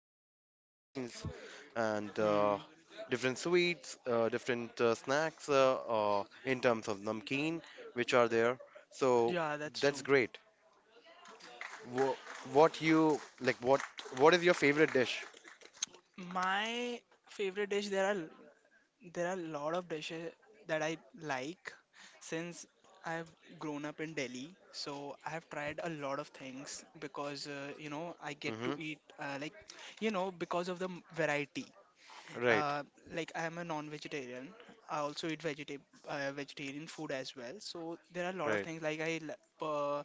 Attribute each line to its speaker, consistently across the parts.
Speaker 1: different cuisines and
Speaker 2: Hmm.
Speaker 1: different sweets, different snacks in terms of namkeen, which are there. So
Speaker 2: Yeah, that's
Speaker 1: that's
Speaker 2: true.
Speaker 1: great. Wha what you like, what what is your favorite dish?
Speaker 2: My favorite dish, there are a lot of dishes that I like, since I've grown up in Delhi. So I have tried a lot of things, because I get
Speaker 1: Hmm.
Speaker 2: to eat, like, because of the variety.
Speaker 1: Right,
Speaker 2: Uh, like, I am a non-vegetarian. I also eat vegetarian food as well. So there are a lot of
Speaker 1: right.
Speaker 2: things, like I l- uh,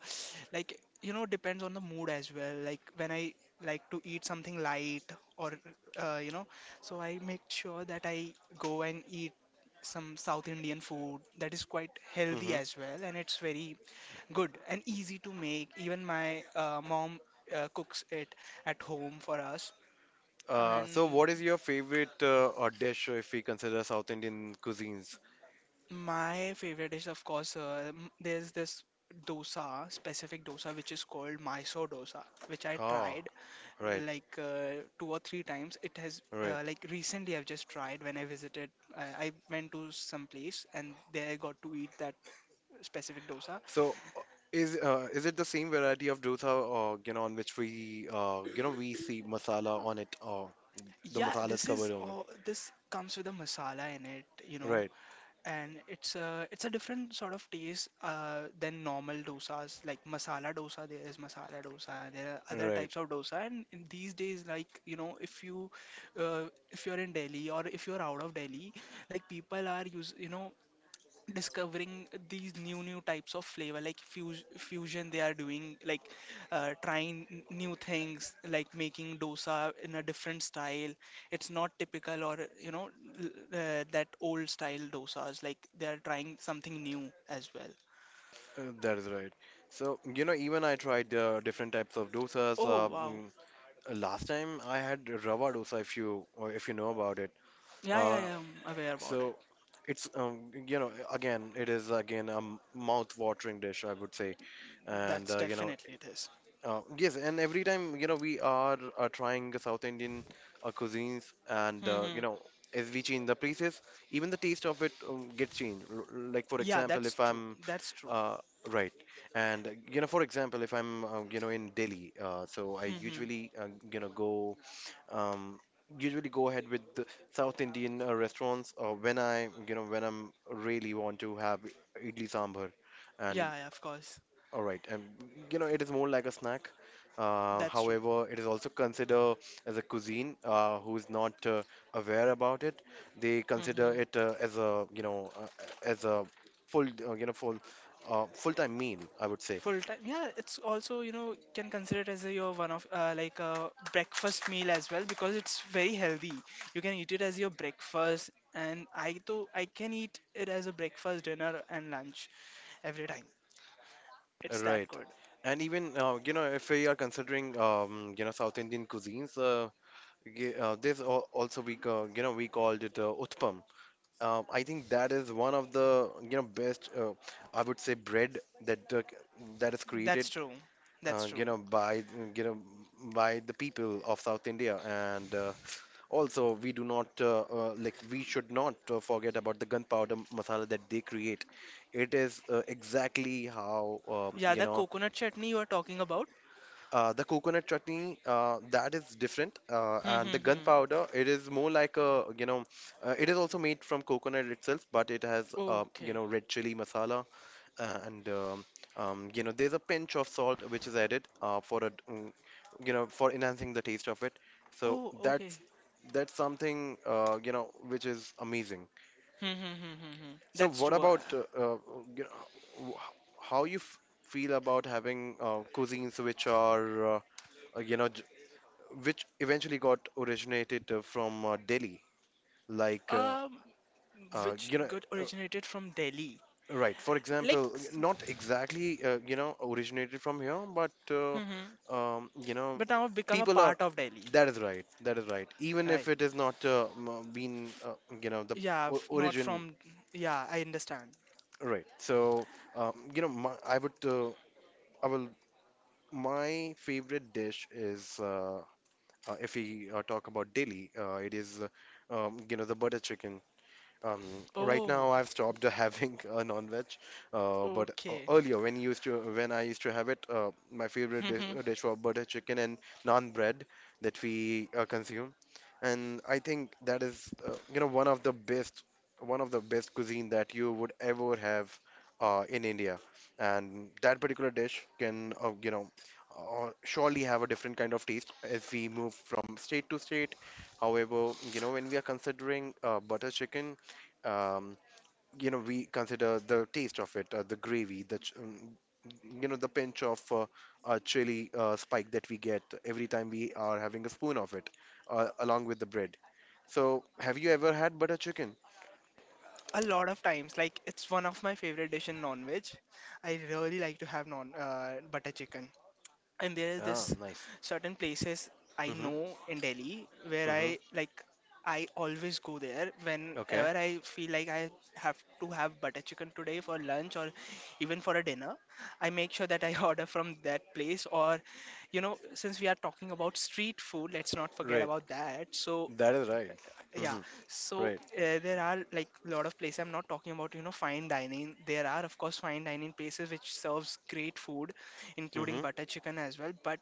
Speaker 2: like you know depends on the mood as well. Like, when I like to eat something light, or uh, you know, so I make sure that I go and eat some South Indian food that is quite healthy
Speaker 1: Hmm.
Speaker 2: as well, and it's very good and easy to make. Even my mom cooks it at home for us.
Speaker 1: So,
Speaker 2: And
Speaker 1: what is your favorite dish if we consider South Indian cuisines?
Speaker 2: my favorite is, of course, there's this dosa, specific dosa, which is called Mysore dosa, which I
Speaker 1: Oh,
Speaker 2: tried
Speaker 1: right,
Speaker 2: like, two or three times. It has
Speaker 1: right.
Speaker 2: Like, recently I've just tried when I visited. I went to some place and there I got to eat that specific dosa.
Speaker 1: So, is it the same variety of dosa, on which we see masala on it, or the
Speaker 2: Yeah,
Speaker 1: masala is covered over.
Speaker 2: this comes with a masala in it, you know.
Speaker 1: Right,
Speaker 2: And it's a different sort of taste, than normal dosas. Like masala dosa, there is masala dosa. There are other
Speaker 1: right.
Speaker 2: types of dosa. And in these days, like, if you, uh, if you're in Delhi or if you're out of Delhi, like, people are use you know discovering these new types of flavor, like fusion they are doing, like, trying new things, like making dosa in a different style. It's not typical, or l- that old style dosas, like, they are trying something new as well.
Speaker 1: That is right. So, even I tried different types of dosas.
Speaker 2: Oh, wow.
Speaker 1: Last time I had rava dosa, if you or if you know about it.
Speaker 2: Yeah, yeah,
Speaker 1: Uh,
Speaker 2: yeah, I'm aware about
Speaker 1: so it is again a mouth-watering dish, I would say,
Speaker 2: it.
Speaker 1: and
Speaker 2: That's definitely it is.
Speaker 1: yes, and every time we are trying South Indian cuisines, and
Speaker 2: Mm-hmm.
Speaker 1: as we change the places, even the taste of it gets changed. Like for
Speaker 2: Yeah,
Speaker 1: example,
Speaker 2: that's
Speaker 1: if
Speaker 2: true.
Speaker 1: I'm
Speaker 2: That's true.
Speaker 1: uh, right, and for example, if I'm in Delhi, so I
Speaker 2: Mm-hmm.
Speaker 1: usually go um, usually go ahead with the South Indian restaurants when I you know when I'm really want to have idli sambar, and
Speaker 2: Yeah, yeah, of course.
Speaker 1: all right, and it is more like a snack. Uh,
Speaker 2: That's true.
Speaker 1: however, it is also considered as a cuisine. Who is not aware about it, they consider
Speaker 2: Hmm.
Speaker 1: it as a full uh, you know full full-time meal. I would say
Speaker 2: Full time, yeah. It's also, can consider it as a, your one of, like a breakfast meal as well, because it's very healthy. You can eat it as your breakfast, and I too I can eat it as a breakfast, dinner, and lunch every time. It's that
Speaker 1: right.
Speaker 2: good.
Speaker 1: And even if we are considering South Indian cuisines, also we ca- you know we called it utpam. I think that is one of the best I would say bread that that is created
Speaker 2: That's true. That's true.
Speaker 1: by you know by the people of South India, and also we do not like we should not forget about the gunpowder masala that they create. It is exactly how
Speaker 2: Yeah, the coconut chutney you are talking about.
Speaker 1: the coconut chutney, that is different,
Speaker 2: Hmm,
Speaker 1: and the
Speaker 2: hmm, hmm.
Speaker 1: gunpowder, it is more like a, it is also made from coconut itself, but it has,
Speaker 2: Okay.
Speaker 1: red chili masala, and there's a pinch of salt which is added for a, for enhancing the taste of it. So
Speaker 2: Oh,
Speaker 1: that's
Speaker 2: okay.
Speaker 1: that's something, which is amazing.
Speaker 2: Hmm, hmm, hmm, hmm. Hmm.
Speaker 1: So
Speaker 2: That's
Speaker 1: what
Speaker 2: true.
Speaker 1: about, you know, w- how you f feel about having cuisines which are uh, you know which eventually got originated from Delhi. Like,
Speaker 2: Uh, um,
Speaker 1: uh,
Speaker 2: which
Speaker 1: you know,
Speaker 2: got
Speaker 1: uh,
Speaker 2: originated from Delhi.
Speaker 1: right, for
Speaker 2: Like.
Speaker 1: example, not exactly, originated from here, but,
Speaker 2: Hmm, hmm.
Speaker 1: um, you know,
Speaker 2: But now I've become a
Speaker 1: people are,
Speaker 2: part of Delhi,
Speaker 1: that is right, that is right. Even if
Speaker 2: right?
Speaker 1: it is not been, the
Speaker 2: Yeah,
Speaker 1: o
Speaker 2: not
Speaker 1: origin,
Speaker 2: from. Yeah, I understand.
Speaker 1: right. So, you know, my, I would, I will, my favorite dish is, if we talk about Delhi, it is, the butter chicken. Right
Speaker 2: Oh,
Speaker 1: now, I've stopped having a non-veg, but
Speaker 2: okay.
Speaker 1: earlier when I used to have it, my favorite dish,
Speaker 2: Mhm.
Speaker 1: dish was butter chicken and naan bread that we consume, and I think that is one of the best cuisine that you would ever have in India, and that particular dish can surely have a different kind of taste as we move from state to state. However, when we are considering butter chicken, um, we consider the taste of it, the gravy, the ch- you know the pinch of chili spike that we get every time we are having a spoon of it along with the bread. So have you ever had butter chicken?
Speaker 2: A lot of times, like, it's one of my favorite dish in non-veg. I really like to have non butter chicken. And there is this
Speaker 1: Ah, nice.
Speaker 2: certain places I
Speaker 1: Mm-hmm,
Speaker 2: know in Delhi where
Speaker 1: mm-hmm.
Speaker 2: I like, I always go there
Speaker 1: Okay.
Speaker 2: whenever I feel like I have to have butter chicken today for lunch or even for a dinner. I make sure that I order from that place, or, since we are talking about street food, let's not forget
Speaker 1: Right.
Speaker 2: about that. So,
Speaker 1: That is right.
Speaker 2: yeah,
Speaker 1: Mm-hmm,
Speaker 2: so
Speaker 1: right.
Speaker 2: there are like a lot of places. I'm not talking about, you know, fine dining. There are, of course, fine dining places which serves great food, including
Speaker 1: Mm-hmm.
Speaker 2: butter chicken as well. But,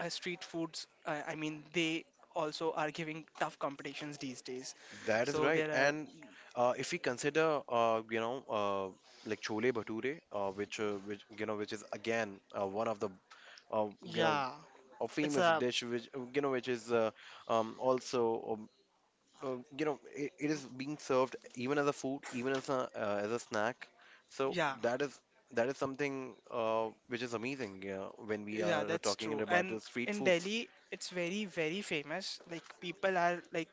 Speaker 2: street foods, I mean, they also are giving tough competitions these days.
Speaker 1: That is
Speaker 2: So
Speaker 1: right,
Speaker 2: there are,
Speaker 1: and if we consider like chole bhature, which you know which is again one of the uh, you know
Speaker 2: yeah,
Speaker 1: or
Speaker 2: it's
Speaker 1: famous
Speaker 2: a,
Speaker 1: dish which which is also, um, it is being served even as a food, even as a snack. So
Speaker 2: yeah,
Speaker 1: that is something which is amazing, yeah, when we
Speaker 2: yeah,
Speaker 1: are
Speaker 2: that's
Speaker 1: talking
Speaker 2: true.
Speaker 1: about the
Speaker 2: And
Speaker 1: street
Speaker 2: in
Speaker 1: foods.
Speaker 2: Delhi, it's very, very famous. Like, people are like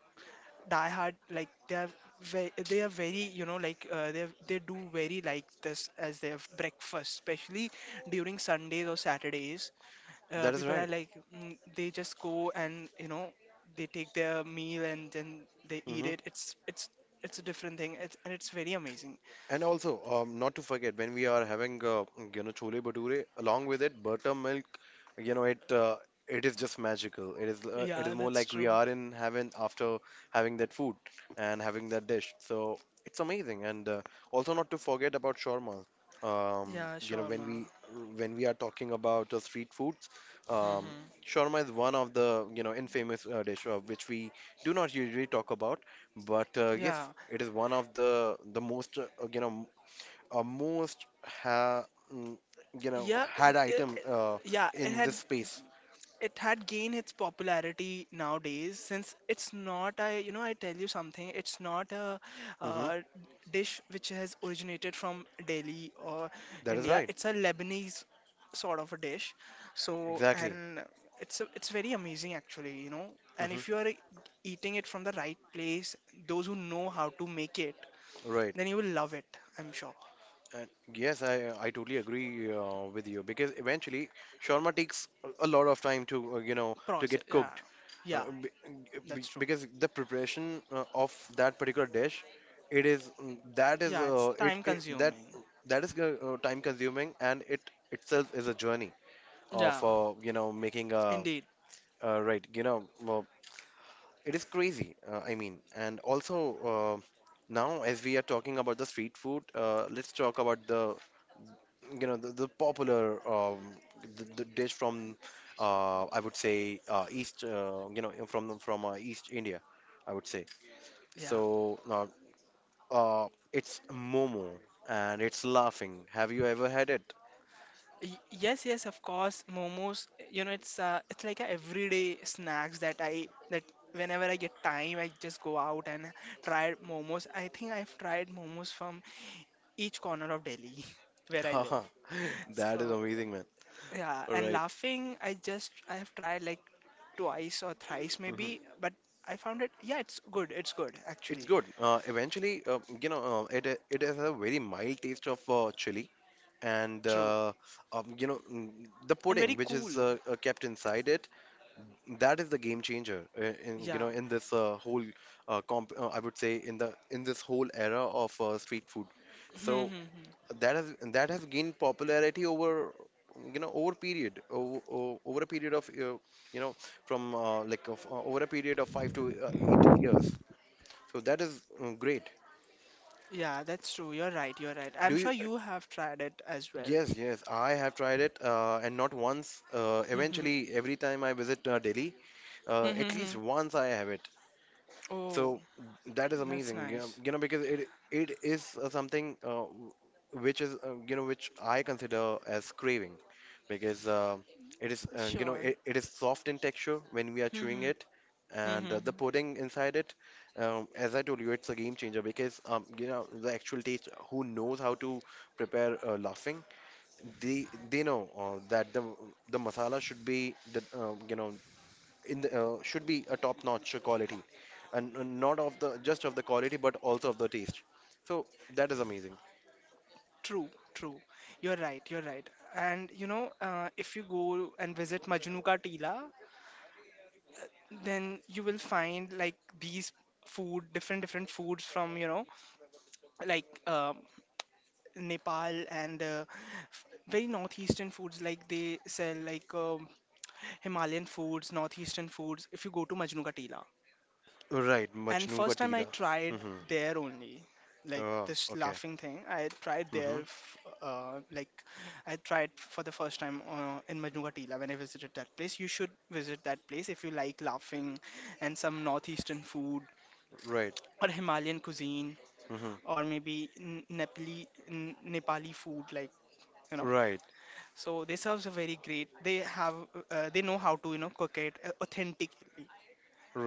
Speaker 2: Die Hard, like, they are very, like, they do very like this as their breakfast, especially during Sundays or Saturdays.
Speaker 1: That is
Speaker 2: People are,
Speaker 1: right.
Speaker 2: like, they just go, and they take their meal and then they eat
Speaker 1: Hmm.
Speaker 2: it. It's a different thing. It's and it's very amazing.
Speaker 1: And also, not to forget, when we are having chole bhature, along with it, buttermilk, you know it uh, it is just magical. It is
Speaker 2: Yeah,
Speaker 1: more
Speaker 2: that's
Speaker 1: like we
Speaker 2: true.
Speaker 1: are in heaven after having that food and having that dish. So it's amazing. And also not to forget about shawarma. Um,
Speaker 2: Yeah,
Speaker 1: you know when
Speaker 2: shawarma.
Speaker 1: we when we are talking about street foods, um,
Speaker 2: Hmm.
Speaker 1: shawarma is one of the infamous dish which we do not usually talk about. But yes,
Speaker 2: Yeah,
Speaker 1: it is one of the most you know most ha mm, you know
Speaker 2: yeah,
Speaker 1: had item
Speaker 2: yeah. It
Speaker 1: in
Speaker 2: had
Speaker 1: this space.
Speaker 2: it had gained its popularity nowadays, since it's not, I tell you something, it's not a
Speaker 1: Hmm.
Speaker 2: uh, dish which has originated from Delhi or
Speaker 1: That is
Speaker 2: India.
Speaker 1: right.
Speaker 2: It's a Lebanese sort of a dish. So
Speaker 1: Exactly.
Speaker 2: and it's very amazing, actually. And if you
Speaker 1: Hmm.
Speaker 2: are eating it from the right place, those who know how to make it,
Speaker 1: Right.
Speaker 2: then you will love it. I'm sure.
Speaker 1: And yes, I totally agree with you because eventually shawarma takes a lot of time to
Speaker 2: Process.
Speaker 1: get
Speaker 2: Yeah.
Speaker 1: cooked. uh,
Speaker 2: Yeah,
Speaker 1: be-
Speaker 2: that's true.
Speaker 1: because the preparation of that particular dish it is mm, that is
Speaker 2: Yeah, it's
Speaker 1: it,
Speaker 2: time
Speaker 1: it that
Speaker 2: consuming.
Speaker 1: that is time consuming, and it itself is a journey
Speaker 2: Yeah,
Speaker 1: of making a
Speaker 2: indeed.
Speaker 1: right well, it is crazy, I mean, and also uh, now as we are talking about the street food, let's talk about the popular, the dish from, I would say, East, from East India, I would say.
Speaker 2: Yeah.
Speaker 1: So, it's momo and it's laughing, have you ever had it?
Speaker 2: Yes, yes, of course. Momos, it's like a everyday snacks that whenever I get time, I just go out and try momos. I think I've tried momos from each corner of Delhi where I live.
Speaker 1: Haha, that is
Speaker 2: So,
Speaker 1: amazing, man.
Speaker 2: yeah,
Speaker 1: All
Speaker 2: and
Speaker 1: right.
Speaker 2: laughing, I have tried like twice or thrice maybe,
Speaker 1: Mm-hmm.
Speaker 2: but I found it, yeah, it's good. It's good
Speaker 1: It's
Speaker 2: actually.
Speaker 1: good. Eventually, it has a very mild taste of chili and
Speaker 2: True.
Speaker 1: um, you know mm, the
Speaker 2: And very
Speaker 1: pudding which
Speaker 2: cool.
Speaker 1: is kept inside it. That is the game changer in
Speaker 2: Yeah.
Speaker 1: in this whole comp I would say in the in this whole era of street food. So that has gained popularity over, over a period of you know five to 8 years. So that is great.
Speaker 2: Yeah, that's true. You're right. You're right. I'm
Speaker 1: Do you?
Speaker 2: sure you have tried it as well.
Speaker 1: Yes, yes. I have tried it, and not once. Eventually,
Speaker 2: Mhm.
Speaker 1: every time I visit Delhi, at least
Speaker 2: Mhm.
Speaker 1: once I have it.
Speaker 2: Oh,
Speaker 1: So that is
Speaker 2: that's
Speaker 1: amazing,
Speaker 2: nice.
Speaker 1: you know, because it is something which is which I consider as craving because it is
Speaker 2: Sure.
Speaker 1: it is soft in texture when we are chewing
Speaker 2: Mhm.
Speaker 1: it, and the
Speaker 2: Mhm.
Speaker 1: pudding inside it, as I told you, it's a game changer because the actual taste. Who knows how to prepare laughing? They know that the masala should be the you know in the should be a top notch quality, and not of the just of the quality but also of the taste. So that is amazing.
Speaker 2: True, true. You're right, you're right. And, if you go and visit Majnu Ka Tila, then you will find like these food, different foods from, like, Nepal and, very northeastern foods. Like, they sell, like, Himalayan foods, northeastern foods. If you go to Majnu Ka Tila.
Speaker 1: Right,
Speaker 2: And
Speaker 1: majnuga
Speaker 2: first time I
Speaker 1: tila.
Speaker 2: tried
Speaker 1: Mm-hmm.
Speaker 2: there only, like
Speaker 1: Oh,
Speaker 2: this
Speaker 1: okay.
Speaker 2: laughing thing. I tried
Speaker 1: Mm-hmm.
Speaker 2: there, like I tried for the first time, in Manuatila when I visited that place. You should visit that place if you like laughing and some northeastern food,
Speaker 1: Right.
Speaker 2: or Himalayan cuisine,
Speaker 1: Mm-hmm.
Speaker 2: or maybe Nepali food, like you know.
Speaker 1: Right,
Speaker 2: So they serves a very great. They know how to cook it, authentically.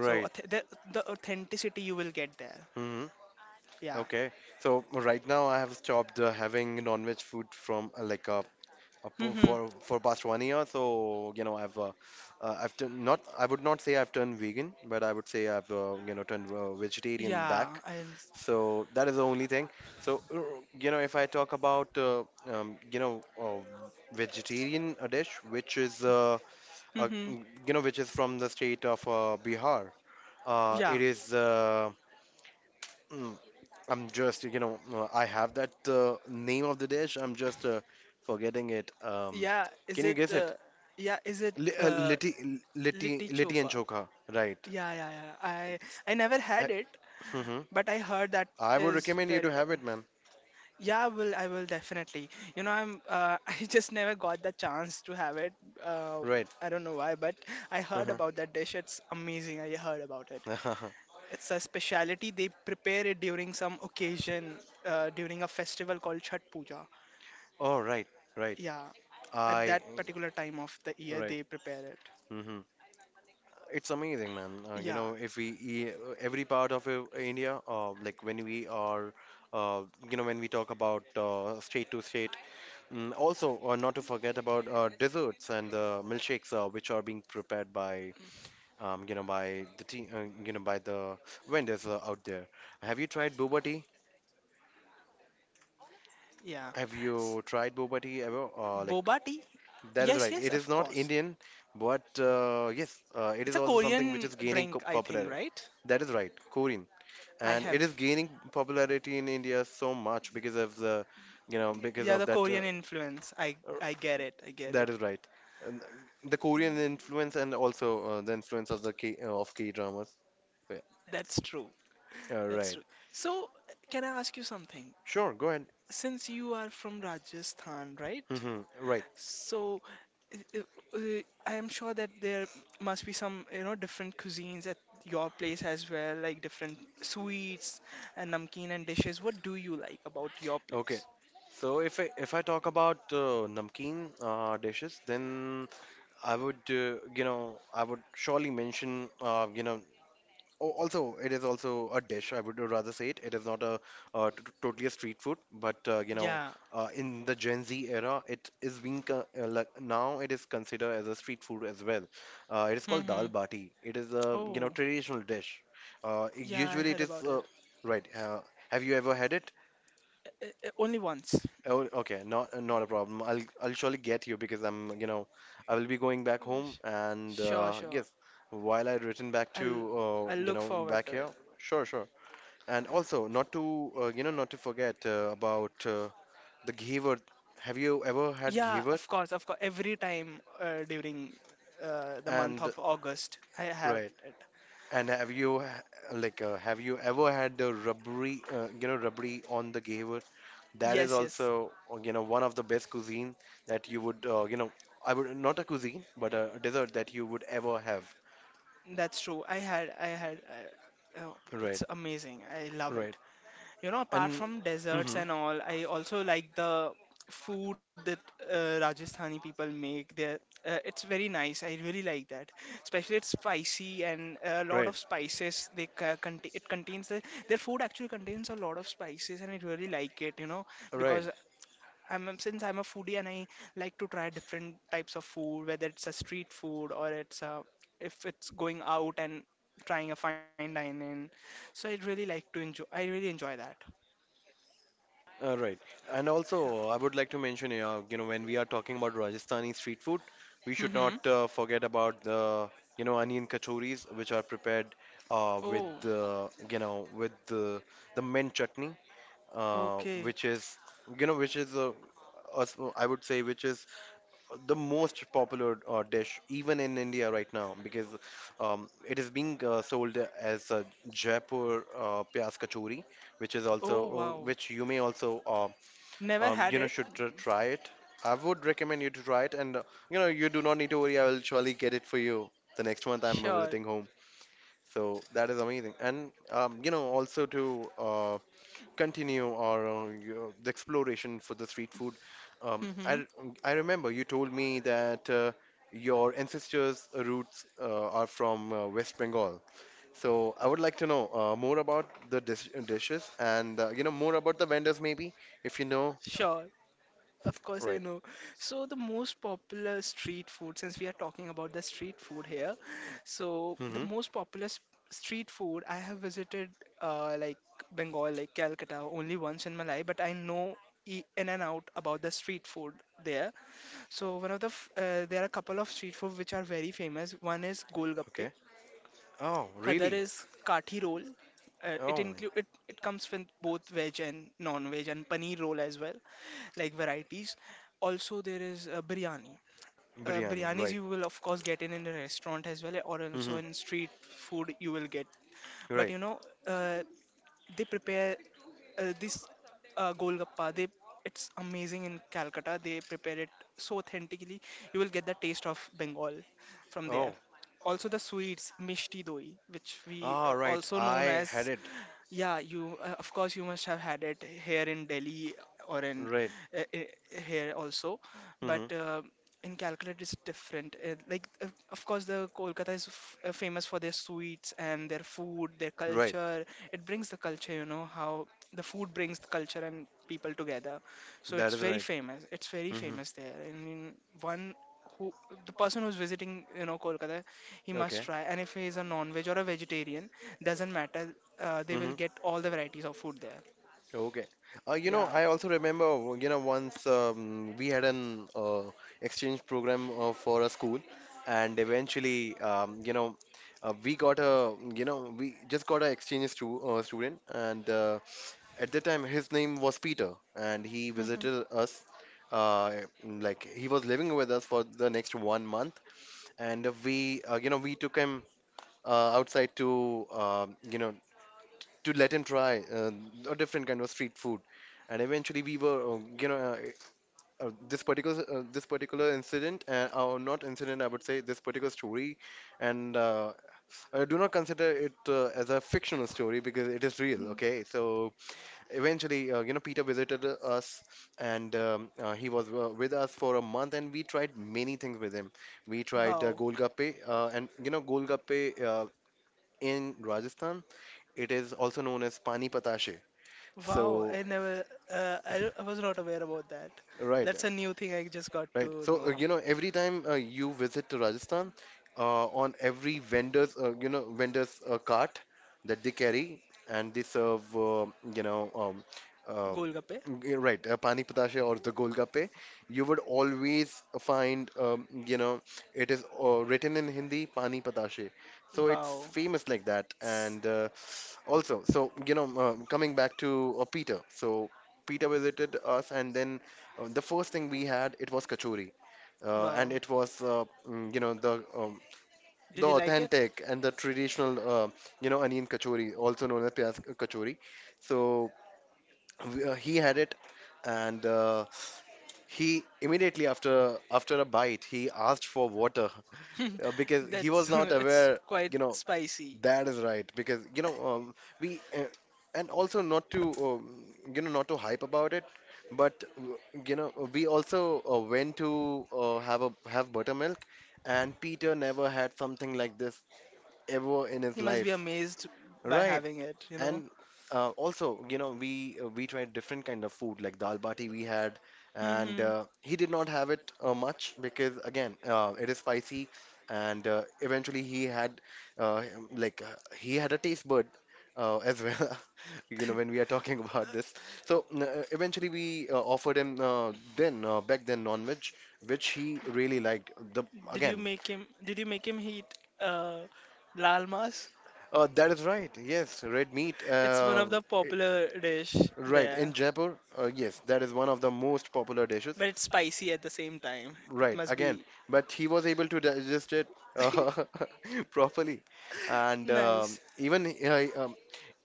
Speaker 2: So, the authenticity you will get there.
Speaker 1: Mm-hmm.
Speaker 2: Yeah.
Speaker 1: Okay, so right now I have stopped having non-veg food from uh, po- for for past 1 year, so you know i've uh, I've turned, not I would not say I've turned vegan, but I would say I've turned vegetarian
Speaker 2: Yeah,
Speaker 1: back.
Speaker 2: and
Speaker 1: So that is the only thing. So, if I talk about um, you know uh, vegetarian dish, which is
Speaker 2: mm-hmm.
Speaker 1: which is from the state of Bihar,
Speaker 2: Yeah,
Speaker 1: it is. Mm, I'm just I have that name of the dish. I'm just forgetting it.
Speaker 2: yeah. Is
Speaker 1: Can you
Speaker 2: it?
Speaker 1: guess it?
Speaker 2: Yeah, is it?
Speaker 1: Li liti liti
Speaker 2: Litti
Speaker 1: liti and
Speaker 2: choka.
Speaker 1: chokha, right?
Speaker 2: Yeah, yeah, yeah. I never
Speaker 1: Uh,
Speaker 2: had it,
Speaker 1: mhm.
Speaker 2: but I heard that
Speaker 1: I would
Speaker 2: is
Speaker 1: recommend you to
Speaker 2: very
Speaker 1: have it,
Speaker 2: delicious.
Speaker 1: man.
Speaker 2: Yeah, I will definitely. I'm I just never got the chance to have it. Uh,
Speaker 1: Right.
Speaker 2: I don't know why, but I heard
Speaker 1: uh
Speaker 2: about that dish. It's amazing. I heard about it. It's a speciality. They prepare it during some occasion, during a festival called Chhat Puja.
Speaker 1: All right. Right.
Speaker 2: Yeah, at
Speaker 1: I
Speaker 2: that particular time of the year
Speaker 1: right.
Speaker 2: they prepare it.
Speaker 1: Hmm. It's amazing, man.
Speaker 2: Yeah,
Speaker 1: If we every part of India, like when we are, uh, when we talk about state to state, also not to forget about desserts and the milkshakes, which are being prepared by, you know, by the tea, you know, by the vendors out there. Have you tried boba tea?
Speaker 2: yeah.
Speaker 1: Have
Speaker 2: S-
Speaker 1: you tried boba tea ever?
Speaker 2: Boba tea?
Speaker 1: That is
Speaker 2: Yes,
Speaker 1: right.
Speaker 2: yes,
Speaker 1: It is
Speaker 2: of
Speaker 1: not
Speaker 2: course.
Speaker 1: Indian, but yes, it
Speaker 2: It's
Speaker 1: is
Speaker 2: a
Speaker 1: also something which
Speaker 2: Korean
Speaker 1: is gaining
Speaker 2: drink, I think,
Speaker 1: popularity.
Speaker 2: right?
Speaker 1: That is right, Korean,
Speaker 2: I
Speaker 1: and
Speaker 2: have,
Speaker 1: it is gaining popularity in India so much because of because
Speaker 2: yeah,
Speaker 1: of
Speaker 2: the
Speaker 1: that.
Speaker 2: Korean influence. I
Speaker 1: Uh,
Speaker 2: I get it. I get
Speaker 1: that
Speaker 2: it.
Speaker 1: is right, and the Korean influence and also the influence of the K dramas.
Speaker 2: That's true. That's
Speaker 1: Right.
Speaker 2: true. So, can I ask you something?
Speaker 1: Sure. Go ahead.
Speaker 2: Since you are from Rajasthan, right?
Speaker 1: Hmm. Right.
Speaker 2: So, uh, uh, I am sure that there must be some, different cuisines at your place as well, like different sweets and namkeen and dishes. What do you like about your
Speaker 1: Okay.
Speaker 2: place?
Speaker 1: So if I talk about namkeen dishes, then I would surely mention, also it is also a dish. I would rather say it. It is not a totally a street food, but
Speaker 2: Yeah.
Speaker 1: in the Gen Z era, it is being like now it is considered as a street food as well. It is called dal
Speaker 2: Mm-hmm.
Speaker 1: bati. It is a
Speaker 2: Oh,
Speaker 1: traditional dish.
Speaker 2: yeah, I
Speaker 1: Usually it
Speaker 2: heard
Speaker 1: is
Speaker 2: about it.
Speaker 1: right. Have you ever had it?
Speaker 2: Only once.
Speaker 1: Oh, okay, not a problem. I'll surely get you because I will be going back
Speaker 2: Uh,
Speaker 1: home
Speaker 2: sh-
Speaker 1: and
Speaker 2: Sure, sure.
Speaker 1: yes, while I return back to
Speaker 2: I'll I'll look forward
Speaker 1: back
Speaker 2: to it.
Speaker 1: here, sure, sure. And also not to forget about the ghever. Have you ever had
Speaker 2: Yeah,
Speaker 1: ghever?
Speaker 2: of course, of course. Every time, during, the month
Speaker 1: And
Speaker 2: of August, I have
Speaker 1: right,
Speaker 2: it.
Speaker 1: and have you ever had the rubbery rubbery on the ghever? That is
Speaker 2: Yes, yes.
Speaker 1: also, one of the best cuisine that you would, you know, I would not a cuisine, but a dessert that you would ever have.
Speaker 2: That's true. Oh,
Speaker 1: Right,
Speaker 2: it's amazing. I love
Speaker 1: right,
Speaker 2: it. Apart
Speaker 1: and
Speaker 2: from desserts
Speaker 1: hmm,
Speaker 2: and all, I also like the food that, Rajasthani people make. There, it's very nice. I really like that. Especially it's spicy and a lot
Speaker 1: right,
Speaker 2: of spices. They contain it contains the, their food actually contains a lot of spices, and I really like it.
Speaker 1: right,
Speaker 2: Because since I'm a foodie and I like to try different types of food, whether it's a street food if it's going out and trying a fine dining. So I really like to enjoy. I really enjoy that.
Speaker 1: right. And
Speaker 2: Yeah.
Speaker 1: also, I would like to mention, when we are talking about Rajasthani street food, we should not
Speaker 2: Mm-hmm.
Speaker 1: forget about onion kachoris, which are prepared with
Speaker 2: Oh,
Speaker 1: the mint chutney,
Speaker 2: okay.
Speaker 1: which is, you know, which is us- I would say, which is the most popular dish even in India right now because it is being sold as Jaipur Pyaz Kachori, which is also
Speaker 2: Oh, wow.
Speaker 1: which you may also
Speaker 2: Never
Speaker 1: you
Speaker 2: had
Speaker 1: know
Speaker 2: it.
Speaker 1: should try it. I would recommend you to try it, and you do not need to worry. I will surely get it for you the next month I'm
Speaker 2: Sure.
Speaker 1: visiting home. So that is amazing, and also to continue the exploration for the street food. Um,
Speaker 2: Mm-hmm.
Speaker 1: I remember you told me that your ancestors' roots are from West Bengal. So I would like to know more about the dishes and more about the vendors maybe if you know.
Speaker 2: Sure. Of course, I
Speaker 1: Right.
Speaker 2: know. So, the most popular street food, since we are talking about the street food here, so the
Speaker 1: Mm-hmm.
Speaker 2: most popular street food I have visited, like Bengal, like Calcutta, only once in my life, but I know, in and out about the street food there. So, one of the f there are a couple of street food which are very famous. One is Golgappe,
Speaker 1: Okay. Oh,
Speaker 2: other
Speaker 1: really?
Speaker 2: is Kathi roll. It
Speaker 1: Oh, my-
Speaker 2: include it, it comes with both veg and non-veg and paneer roll as well, like varieties. Also, there is biryani.
Speaker 1: Biryani.
Speaker 2: Biryanis
Speaker 1: Right.
Speaker 2: you will of course get in a restaurant as well, or also
Speaker 1: Mm-hmm.
Speaker 2: in street food you will get. But
Speaker 1: Right.
Speaker 2: uh, they prepare this golgappa. They It's amazing in Calcutta. They prepare it so authentically. You will get the taste of Bengal from there.
Speaker 1: Oh.
Speaker 2: Also, the sweets, mishti doi, which we
Speaker 1: Ah, right.
Speaker 2: also known
Speaker 1: I had
Speaker 2: as
Speaker 1: it.
Speaker 2: yeah, you of course you must have had it here in Delhi or in
Speaker 1: Right.
Speaker 2: here also, but
Speaker 1: Mm-hmm.
Speaker 2: in Calcutta it's different. Like of course the Kolkata is f famous for their sweets and their food, their
Speaker 1: Right.
Speaker 2: culture. It brings the culture, how the food brings the culture and people together. So
Speaker 1: That
Speaker 2: it's
Speaker 1: is
Speaker 2: very
Speaker 1: right.
Speaker 2: famous. It's very
Speaker 1: Mm-hmm.
Speaker 2: famous there. And one who the person who's visiting, Kolkata, he must
Speaker 1: Okay.
Speaker 2: try. And if he is a non-veg or a vegetarian doesn't matter, they will
Speaker 1: Mm-hmm.
Speaker 2: get all the varieties of food there.
Speaker 1: Okay.
Speaker 2: Yeah.
Speaker 1: I also remember, once we had an exchange program for a school, and eventually, we got we just got an exchange student, and at that time his name was Peter, and he visited us. Uh, he was living with us for the next one month, and we took him outside to let him try a different kind of street food. And eventually, we were, you know, this particular incident, or not incident, I would say this particular story, and I do not consider it as a fictional story because it is real. Okay, so eventually, Peter visited us, and he was with us for a month, and we tried many things with him. We tried
Speaker 2: Wow.
Speaker 1: golgappe, golgappe in Rajasthan, it is also known as pani patashe.
Speaker 2: Wow,
Speaker 1: So,
Speaker 2: I never, I I was not aware about that.
Speaker 1: right,
Speaker 2: That's a new thing I just got
Speaker 1: right.
Speaker 2: to
Speaker 1: So,
Speaker 2: know.
Speaker 1: every time you visit to Rajasthan, on every vendor's cart that they carry, and they serve, you know, um, uh,
Speaker 2: Golgappe.
Speaker 1: right, pani patasha or the golgappe, you would always find, it is written in Hindi, pani patashe. So it's
Speaker 2: Wow.
Speaker 1: famous like that,
Speaker 2: S-
Speaker 1: and also, so you know, coming back to Peter, so Peter visited us, and then the first thing we had it was kachori,
Speaker 2: Wow.
Speaker 1: and it was
Speaker 2: Did
Speaker 1: the
Speaker 2: you like
Speaker 1: authentic and the traditional onion kachori, also known as pyaz kachori. So he had it, and he immediately after a bite he asked for water
Speaker 2: it?
Speaker 1: because he was
Speaker 2: That's,
Speaker 1: not
Speaker 2: it's
Speaker 1: aware,
Speaker 2: quite
Speaker 1: you know,
Speaker 2: spicy.
Speaker 1: that is right. Because, you know, we, uh, and also not to, not to hype about it, but, we also went to have a have buttermilk, and Peter never had something like this ever in his
Speaker 2: He must be
Speaker 1: life.
Speaker 2: amazed by
Speaker 1: Right.
Speaker 2: having it, you know?
Speaker 1: And also, you know, we tried different kind of food like dal bati we had, and
Speaker 2: Hmm.
Speaker 1: he did not have it much because again, it is spicy, and eventually he had he had a taste bud as well, you know, when we are talking about this. So eventually we offered him then back then non-veg, which he really liked. The
Speaker 2: Did you
Speaker 1: again,
Speaker 2: make him, did you make him eat uh, lal mas?
Speaker 1: That is right. Yes, red meat.
Speaker 2: It's one of the
Speaker 1: It-
Speaker 2: popular dish
Speaker 1: right in
Speaker 2: there,
Speaker 1: Jaipur. Yes, that is one of the most popular dishes.
Speaker 2: but it's spicy at the same time. It
Speaker 1: Right,
Speaker 2: must
Speaker 1: again,
Speaker 2: be
Speaker 1: but he was able to digest it uh, properly, and
Speaker 2: nice.
Speaker 1: even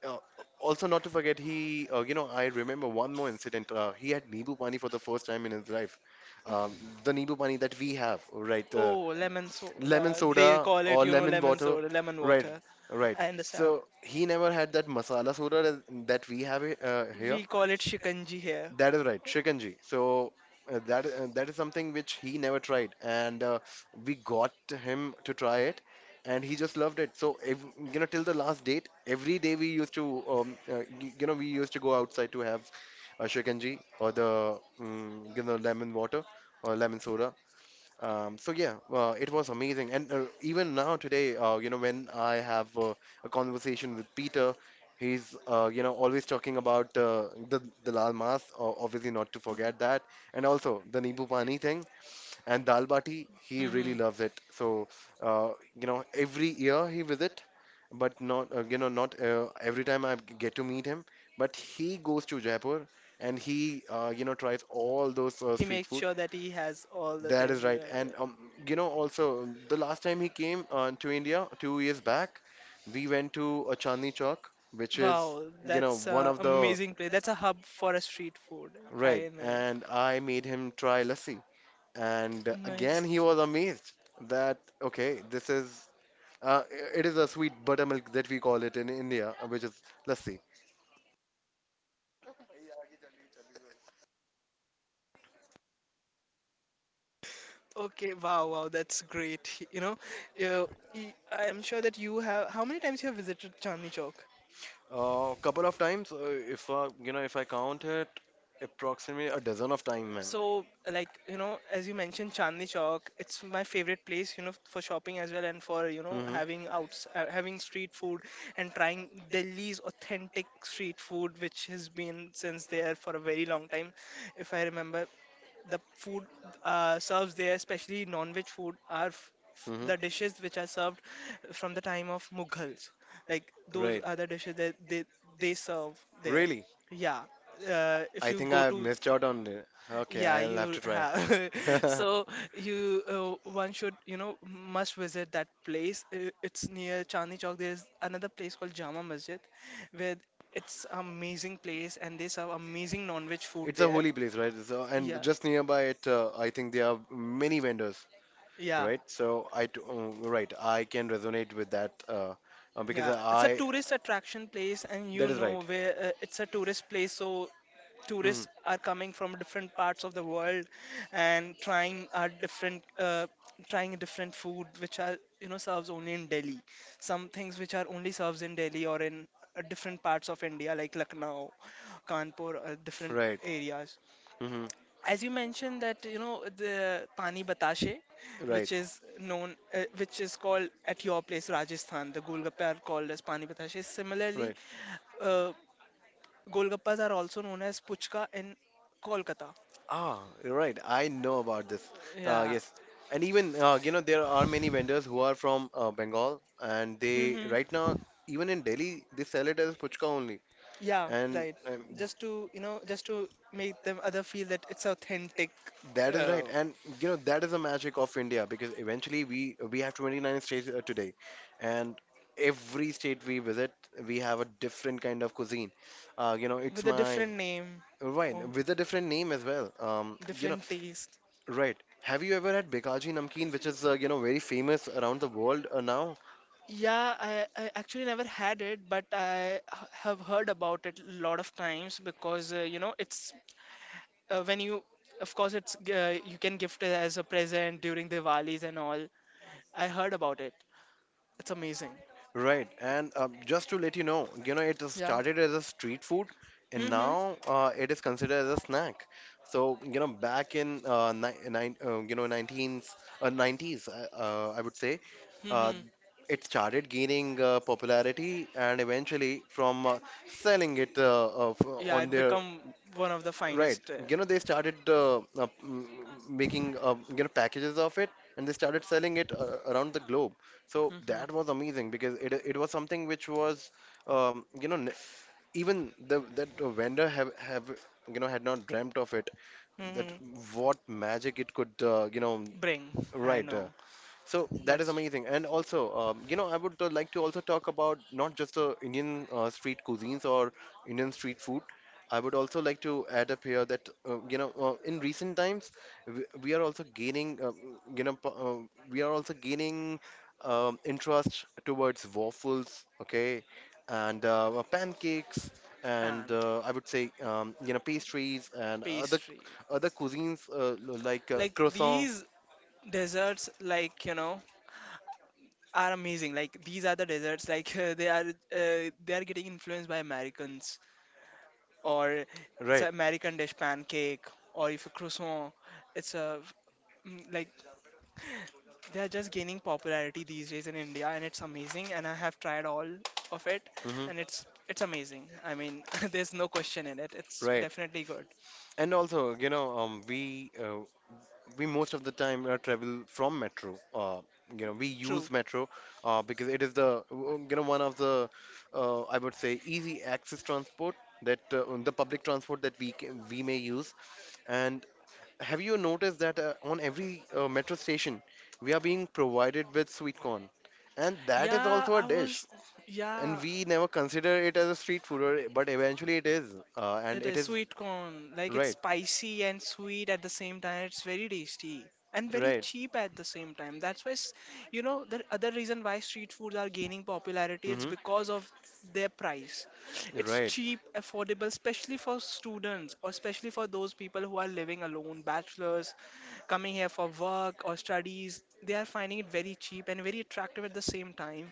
Speaker 1: uh, also not to forget he you know I remember one more incident he had nibu pani for the first time in his life, um, the nibu pani that we have, right,
Speaker 2: Oh, lemon
Speaker 1: lemon
Speaker 2: soda. They
Speaker 1: soda
Speaker 2: call it,
Speaker 1: or
Speaker 2: you know,
Speaker 1: lemon
Speaker 2: lemon
Speaker 1: water,
Speaker 2: soda, lemon
Speaker 1: right,
Speaker 2: water.
Speaker 1: right,
Speaker 2: I understand.
Speaker 1: so he never had that masala soda that we have here.
Speaker 2: We call it shikanji here.
Speaker 1: That is right, Shikanji. So that is something which he never tried, and we got him to try it, and he just loved it. So till the last date, every day we used to go outside to have a Shikanji or the, lemon water or lemon soda, so yeah, it was amazing, and even now today, when I have a conversation with Peter, he's always talking about the lal mas, obviously not to forget that, and also the nibu pani thing and dal bati. He really
Speaker 2: Hmm.
Speaker 1: loves it. So every year he visit, but not not every time I get to meet him. But he goes to Jaipur and he tries all those
Speaker 2: He
Speaker 1: street
Speaker 2: makes
Speaker 1: food.
Speaker 2: sure that he has all the
Speaker 1: That
Speaker 2: things,
Speaker 1: is right.
Speaker 2: right?
Speaker 1: And
Speaker 2: Right.
Speaker 1: also the last time he came to India, 2 years back, we went to a Chandni Chowk, which is
Speaker 2: Wow, that's
Speaker 1: one
Speaker 2: an
Speaker 1: of the
Speaker 2: amazing place. That's a hub for a street food.
Speaker 1: right.
Speaker 2: I know.
Speaker 1: And I made him try lassi, and again
Speaker 2: Nice.
Speaker 1: he was amazed that okay, this is uh, it is a sweet buttermilk that we call it in India, which is lassi.
Speaker 2: Okay, wow, wow, that's great. You know, you, I am sure that you have. How many times you have visited Chandni Chowk?
Speaker 1: A couple of times, if you know, if I count it, approximately a dozen of time, ma'am.
Speaker 2: So, like, you know, as you mentioned, Chandni Chowk, it's my favorite place, you know, for shopping as well and for, you know,
Speaker 1: Mhm.
Speaker 2: having street food and trying Delhi's authentic street food, which has been since there for a very long time, if I remember. The food serves there, especially non-veg food, are f f
Speaker 1: Mhm.
Speaker 2: the dishes which are served from the time of Mughals. Like those
Speaker 1: Right.
Speaker 2: are the dishes that they serve there.
Speaker 1: Really?
Speaker 2: Yeah, if
Speaker 1: I
Speaker 2: you
Speaker 1: think I
Speaker 2: go
Speaker 1: have
Speaker 2: to
Speaker 1: missed out on it. Okay,
Speaker 2: yeah,
Speaker 1: I'll have
Speaker 2: you
Speaker 1: to try.
Speaker 2: have. So you, one should you know must visit that place. It's near Chandni Chowk. There is another place called Jama Masjid, where it's amazing place and they serve amazing non-veg food
Speaker 1: It's a
Speaker 2: there.
Speaker 1: holy place, right? So, and
Speaker 2: Yeah.
Speaker 1: just nearby it, I think there are many vendors.
Speaker 2: Yeah,
Speaker 1: Right? So I do, right, I can resonate with that because
Speaker 2: yeah. It's a
Speaker 1: I
Speaker 2: tourist attraction place, and you
Speaker 1: that is
Speaker 2: know
Speaker 1: right.
Speaker 2: where it's a tourist place, so
Speaker 1: Mhm.
Speaker 2: tourists are coming from different parts of the world and trying our trying different food, which are you know serves only in Delhi. Some things which are only serves in Delhi or in different parts of India, like Lucknow, Kanpur, different
Speaker 1: Right.
Speaker 2: areas.
Speaker 1: Hmm.
Speaker 2: As you mentioned that you know the pani batashe
Speaker 1: Right.
Speaker 2: which is known, which is called at your place Rajasthan, the golgappa are called as pani batashe, similarly
Speaker 1: Right.
Speaker 2: uh, golgappas are also known as puchka in Kolkata.
Speaker 1: Ah, you're right. I know about this.
Speaker 2: Yeah.
Speaker 1: Yes, and even there are many vendors who are from Bengal, and they
Speaker 2: Mhm.
Speaker 1: right now even in Delhi they sell it as puchka only,
Speaker 2: Yeah,
Speaker 1: and
Speaker 2: right. Just to you know just to make them other feel that it's authentic
Speaker 1: that is right. And you know that is the magic of India because eventually we have 29 states today, and every state we visit we have a different kind of cuisine. You know it's
Speaker 2: with a
Speaker 1: my
Speaker 2: different name or
Speaker 1: Right, with a different name as well.
Speaker 2: different taste.
Speaker 1: Right. Have you ever had Bikaji Namkeen, which is very famous around the world now?
Speaker 2: Yeah, I actually never had it, but I have heard about it a lot of times because you know it's uh, when you, of course, it's you can gift it as a present during Diwalis and all. I heard about it. It's amazing.
Speaker 1: Right. And just to let you know, it
Speaker 2: Yeah.
Speaker 1: started as a street food, and
Speaker 2: Mm-hmm.
Speaker 1: now it is considered as a snack. So you know back in ni- nine, you know 19s, 90s, I would say, uh,
Speaker 2: Mm-hmm.
Speaker 1: it started gaining popularity, and eventually from selling it
Speaker 2: Yeah,
Speaker 1: on
Speaker 2: it
Speaker 1: their...
Speaker 2: become one of the
Speaker 1: Right.
Speaker 2: finest.
Speaker 1: You know, they started making packages of it, and they started selling it around the globe. So that was
Speaker 2: Mm-hmm.
Speaker 1: amazing because it was something which was um, you know n- even the that vendor have had not dreamt of it, that
Speaker 2: Mm-hmm.
Speaker 1: what magic it could
Speaker 2: Bring. I
Speaker 1: right,
Speaker 2: know.
Speaker 1: so that is
Speaker 2: That's
Speaker 1: amazing. And also, I would like to also talk about not just the Indian street cuisines or Indian street food. I would also like to add up here that, in recent times, we are also gaining, you know, po- we are also gaining interest towards waffles, okay, and pancakes, and
Speaker 2: pancake,
Speaker 1: I would say, pastries and other
Speaker 2: pastry.
Speaker 1: other cuisines like
Speaker 2: Like
Speaker 1: croissant,
Speaker 2: these desserts, like you know, are amazing. Like these are the deserts. Like they are getting influenced by Americans or it's a
Speaker 1: right?
Speaker 2: American dish pancake or if a croissant. It's a like they are just gaining popularity these days in India and it's amazing. And I have tried all of it
Speaker 1: Hmm.
Speaker 2: and it's amazing. I mean, there's no question in it. It's
Speaker 1: Right.
Speaker 2: definitely good.
Speaker 1: And also, you know, we most of the time travel from metro. You know, we use
Speaker 2: True.
Speaker 1: metro because it is the you know one of the I would say easy access transport, that the public transport that we may use. And have you noticed that on every metro station we are being provided with sweet corn, and that is
Speaker 2: Yeah,
Speaker 1: also a
Speaker 2: I
Speaker 1: dish.
Speaker 2: was.
Speaker 1: And
Speaker 2: Yeah,
Speaker 1: we never consider it as a street food, or, but eventually it is, and
Speaker 2: it
Speaker 1: it
Speaker 2: is
Speaker 1: is
Speaker 2: sweet corn. Like it's
Speaker 1: right,
Speaker 2: spicy and sweet at the same time. It's very tasty and very
Speaker 1: right,
Speaker 2: cheap at the same time. That's why, you know, the other reason why street foods are gaining popularity, it's
Speaker 1: hmm,
Speaker 2: because of their price. It's
Speaker 1: right.
Speaker 2: cheap, affordable, especially for students or especially for those people who are living alone, bachelors, coming here for work or studies. They are finding it very cheap and very attractive at the same time.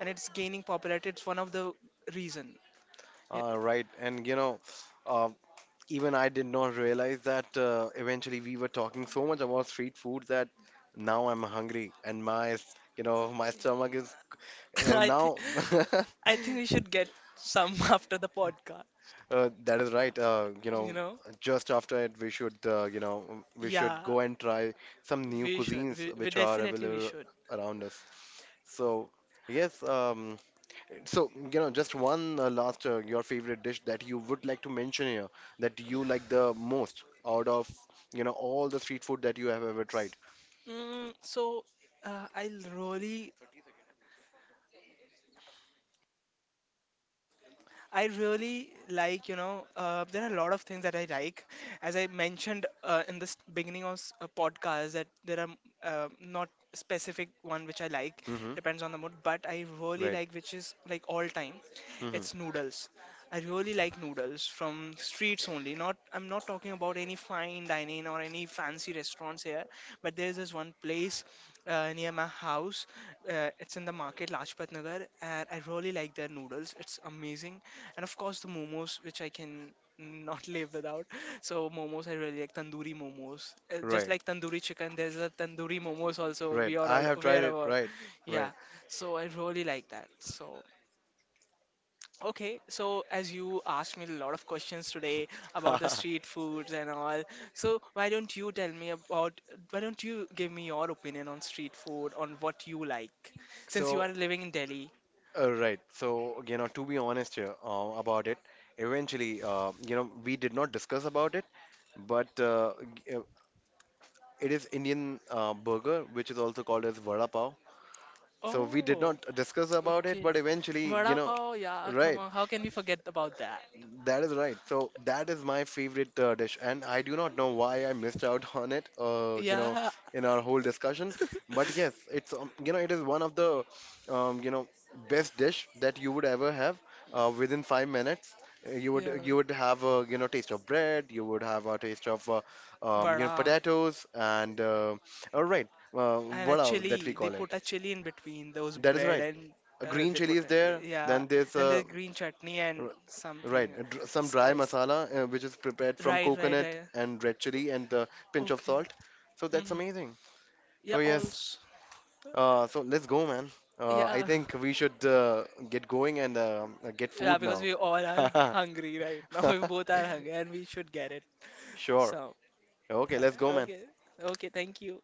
Speaker 2: And it's gaining popularity. It's one of the reason. Yeah.
Speaker 1: Right, and you know, uh, even I did not realize that eventually we were talking so much about street food that now I'm hungry and you know, my stomach is
Speaker 2: I think
Speaker 1: now.
Speaker 2: I think we should get some after the podcast.
Speaker 1: That is right. You
Speaker 2: You
Speaker 1: know,
Speaker 2: know?
Speaker 1: just after it, we should, we should
Speaker 2: Yeah,
Speaker 1: go and try some new
Speaker 2: we should.
Speaker 1: cuisines
Speaker 2: We
Speaker 1: which are
Speaker 2: definitely we
Speaker 1: available
Speaker 2: should.
Speaker 1: around us. So yes, so, you know, just one last, your favorite dish that you would like to mention here, that you like the most out of, you know, all the street food that you have ever tried.
Speaker 2: Mm, so uh, I'll really I really like, you know, there are a lot of things that I like. As I mentioned in the beginning of a podcast, that there are not specific one which I like,
Speaker 1: Mm-hmm.
Speaker 2: depends on the mood. But I really
Speaker 1: Right.
Speaker 2: like, which is like all time,
Speaker 1: Mm-hmm.
Speaker 2: it's noodles. I really like noodles from streets only. Not, I'm not talking about any fine dining or any fancy restaurants here. But there's this one place near my house. It's in the market, Lajpat Nagar, and I really like their noodles. It's amazing and of course the momos which I can not live without. So momos I really like tandoori momos. Just
Speaker 1: Right.
Speaker 2: like tandoori chicken, there's a tandoori momos also
Speaker 1: Right.
Speaker 2: we are
Speaker 1: I
Speaker 2: all
Speaker 1: have tried
Speaker 2: aware
Speaker 1: it.
Speaker 2: about.
Speaker 1: Right.
Speaker 2: Yeah,
Speaker 1: Right.
Speaker 2: so I really like that. So okay, so as you asked me a lot of questions today about the street foods and all, so why don't you tell me about? Why don't you give me your opinion on street food, on what you like, since you
Speaker 1: So,
Speaker 2: are living in Delhi?
Speaker 1: Right. So, you know, to be honest here about it, eventually, we did not discuss about it, but g- uh, it is Indian burger, which is also called as vada pav. So we did
Speaker 2: Oh.
Speaker 1: not discuss about it,
Speaker 2: Okay.
Speaker 1: but eventually, you
Speaker 2: Vada
Speaker 1: know,
Speaker 2: pav, yeah, come
Speaker 1: right?
Speaker 2: on. How can we forget about that?
Speaker 1: That is right. So that is my favorite dish, and I do not know why I missed out on it. You know,
Speaker 2: Yeah.
Speaker 1: in our whole discussion, but yes, it's you know it is one of the um, you know best dish that you would ever have. Within 5 minutes,
Speaker 2: Yeah.
Speaker 1: you would have a you know taste of bread, you would have a taste of
Speaker 2: Vada.
Speaker 1: potatoes, and all right, uh,
Speaker 2: And
Speaker 1: what else that we
Speaker 2: actually, they
Speaker 1: call
Speaker 2: put
Speaker 1: it?
Speaker 2: a chili in between those
Speaker 1: That is
Speaker 2: bread
Speaker 1: right.
Speaker 2: and
Speaker 1: A green
Speaker 2: they
Speaker 1: chili
Speaker 2: put,
Speaker 1: is
Speaker 2: a,
Speaker 1: there.
Speaker 2: yeah.
Speaker 1: Then there's
Speaker 2: Then the
Speaker 1: a
Speaker 2: green chutney and something,
Speaker 1: right, and some dry
Speaker 2: spice.
Speaker 1: masala which is prepared from
Speaker 2: Right, right,
Speaker 1: coconut
Speaker 2: right.
Speaker 1: and red chili and a pinch of
Speaker 2: Okay.
Speaker 1: salt. So that's
Speaker 2: Hmm.
Speaker 1: amazing.
Speaker 2: Yeah,
Speaker 1: So yes,
Speaker 2: also.
Speaker 1: so let's go, man. I
Speaker 2: Yeah.
Speaker 1: think we should get going and get
Speaker 2: Yeah,
Speaker 1: food
Speaker 2: because
Speaker 1: now.
Speaker 2: we all are hungry right now. We both are hungry and we should get it.
Speaker 1: Sure.
Speaker 2: So,
Speaker 1: Okay, let's go, man.
Speaker 2: okay. Okay, thank you.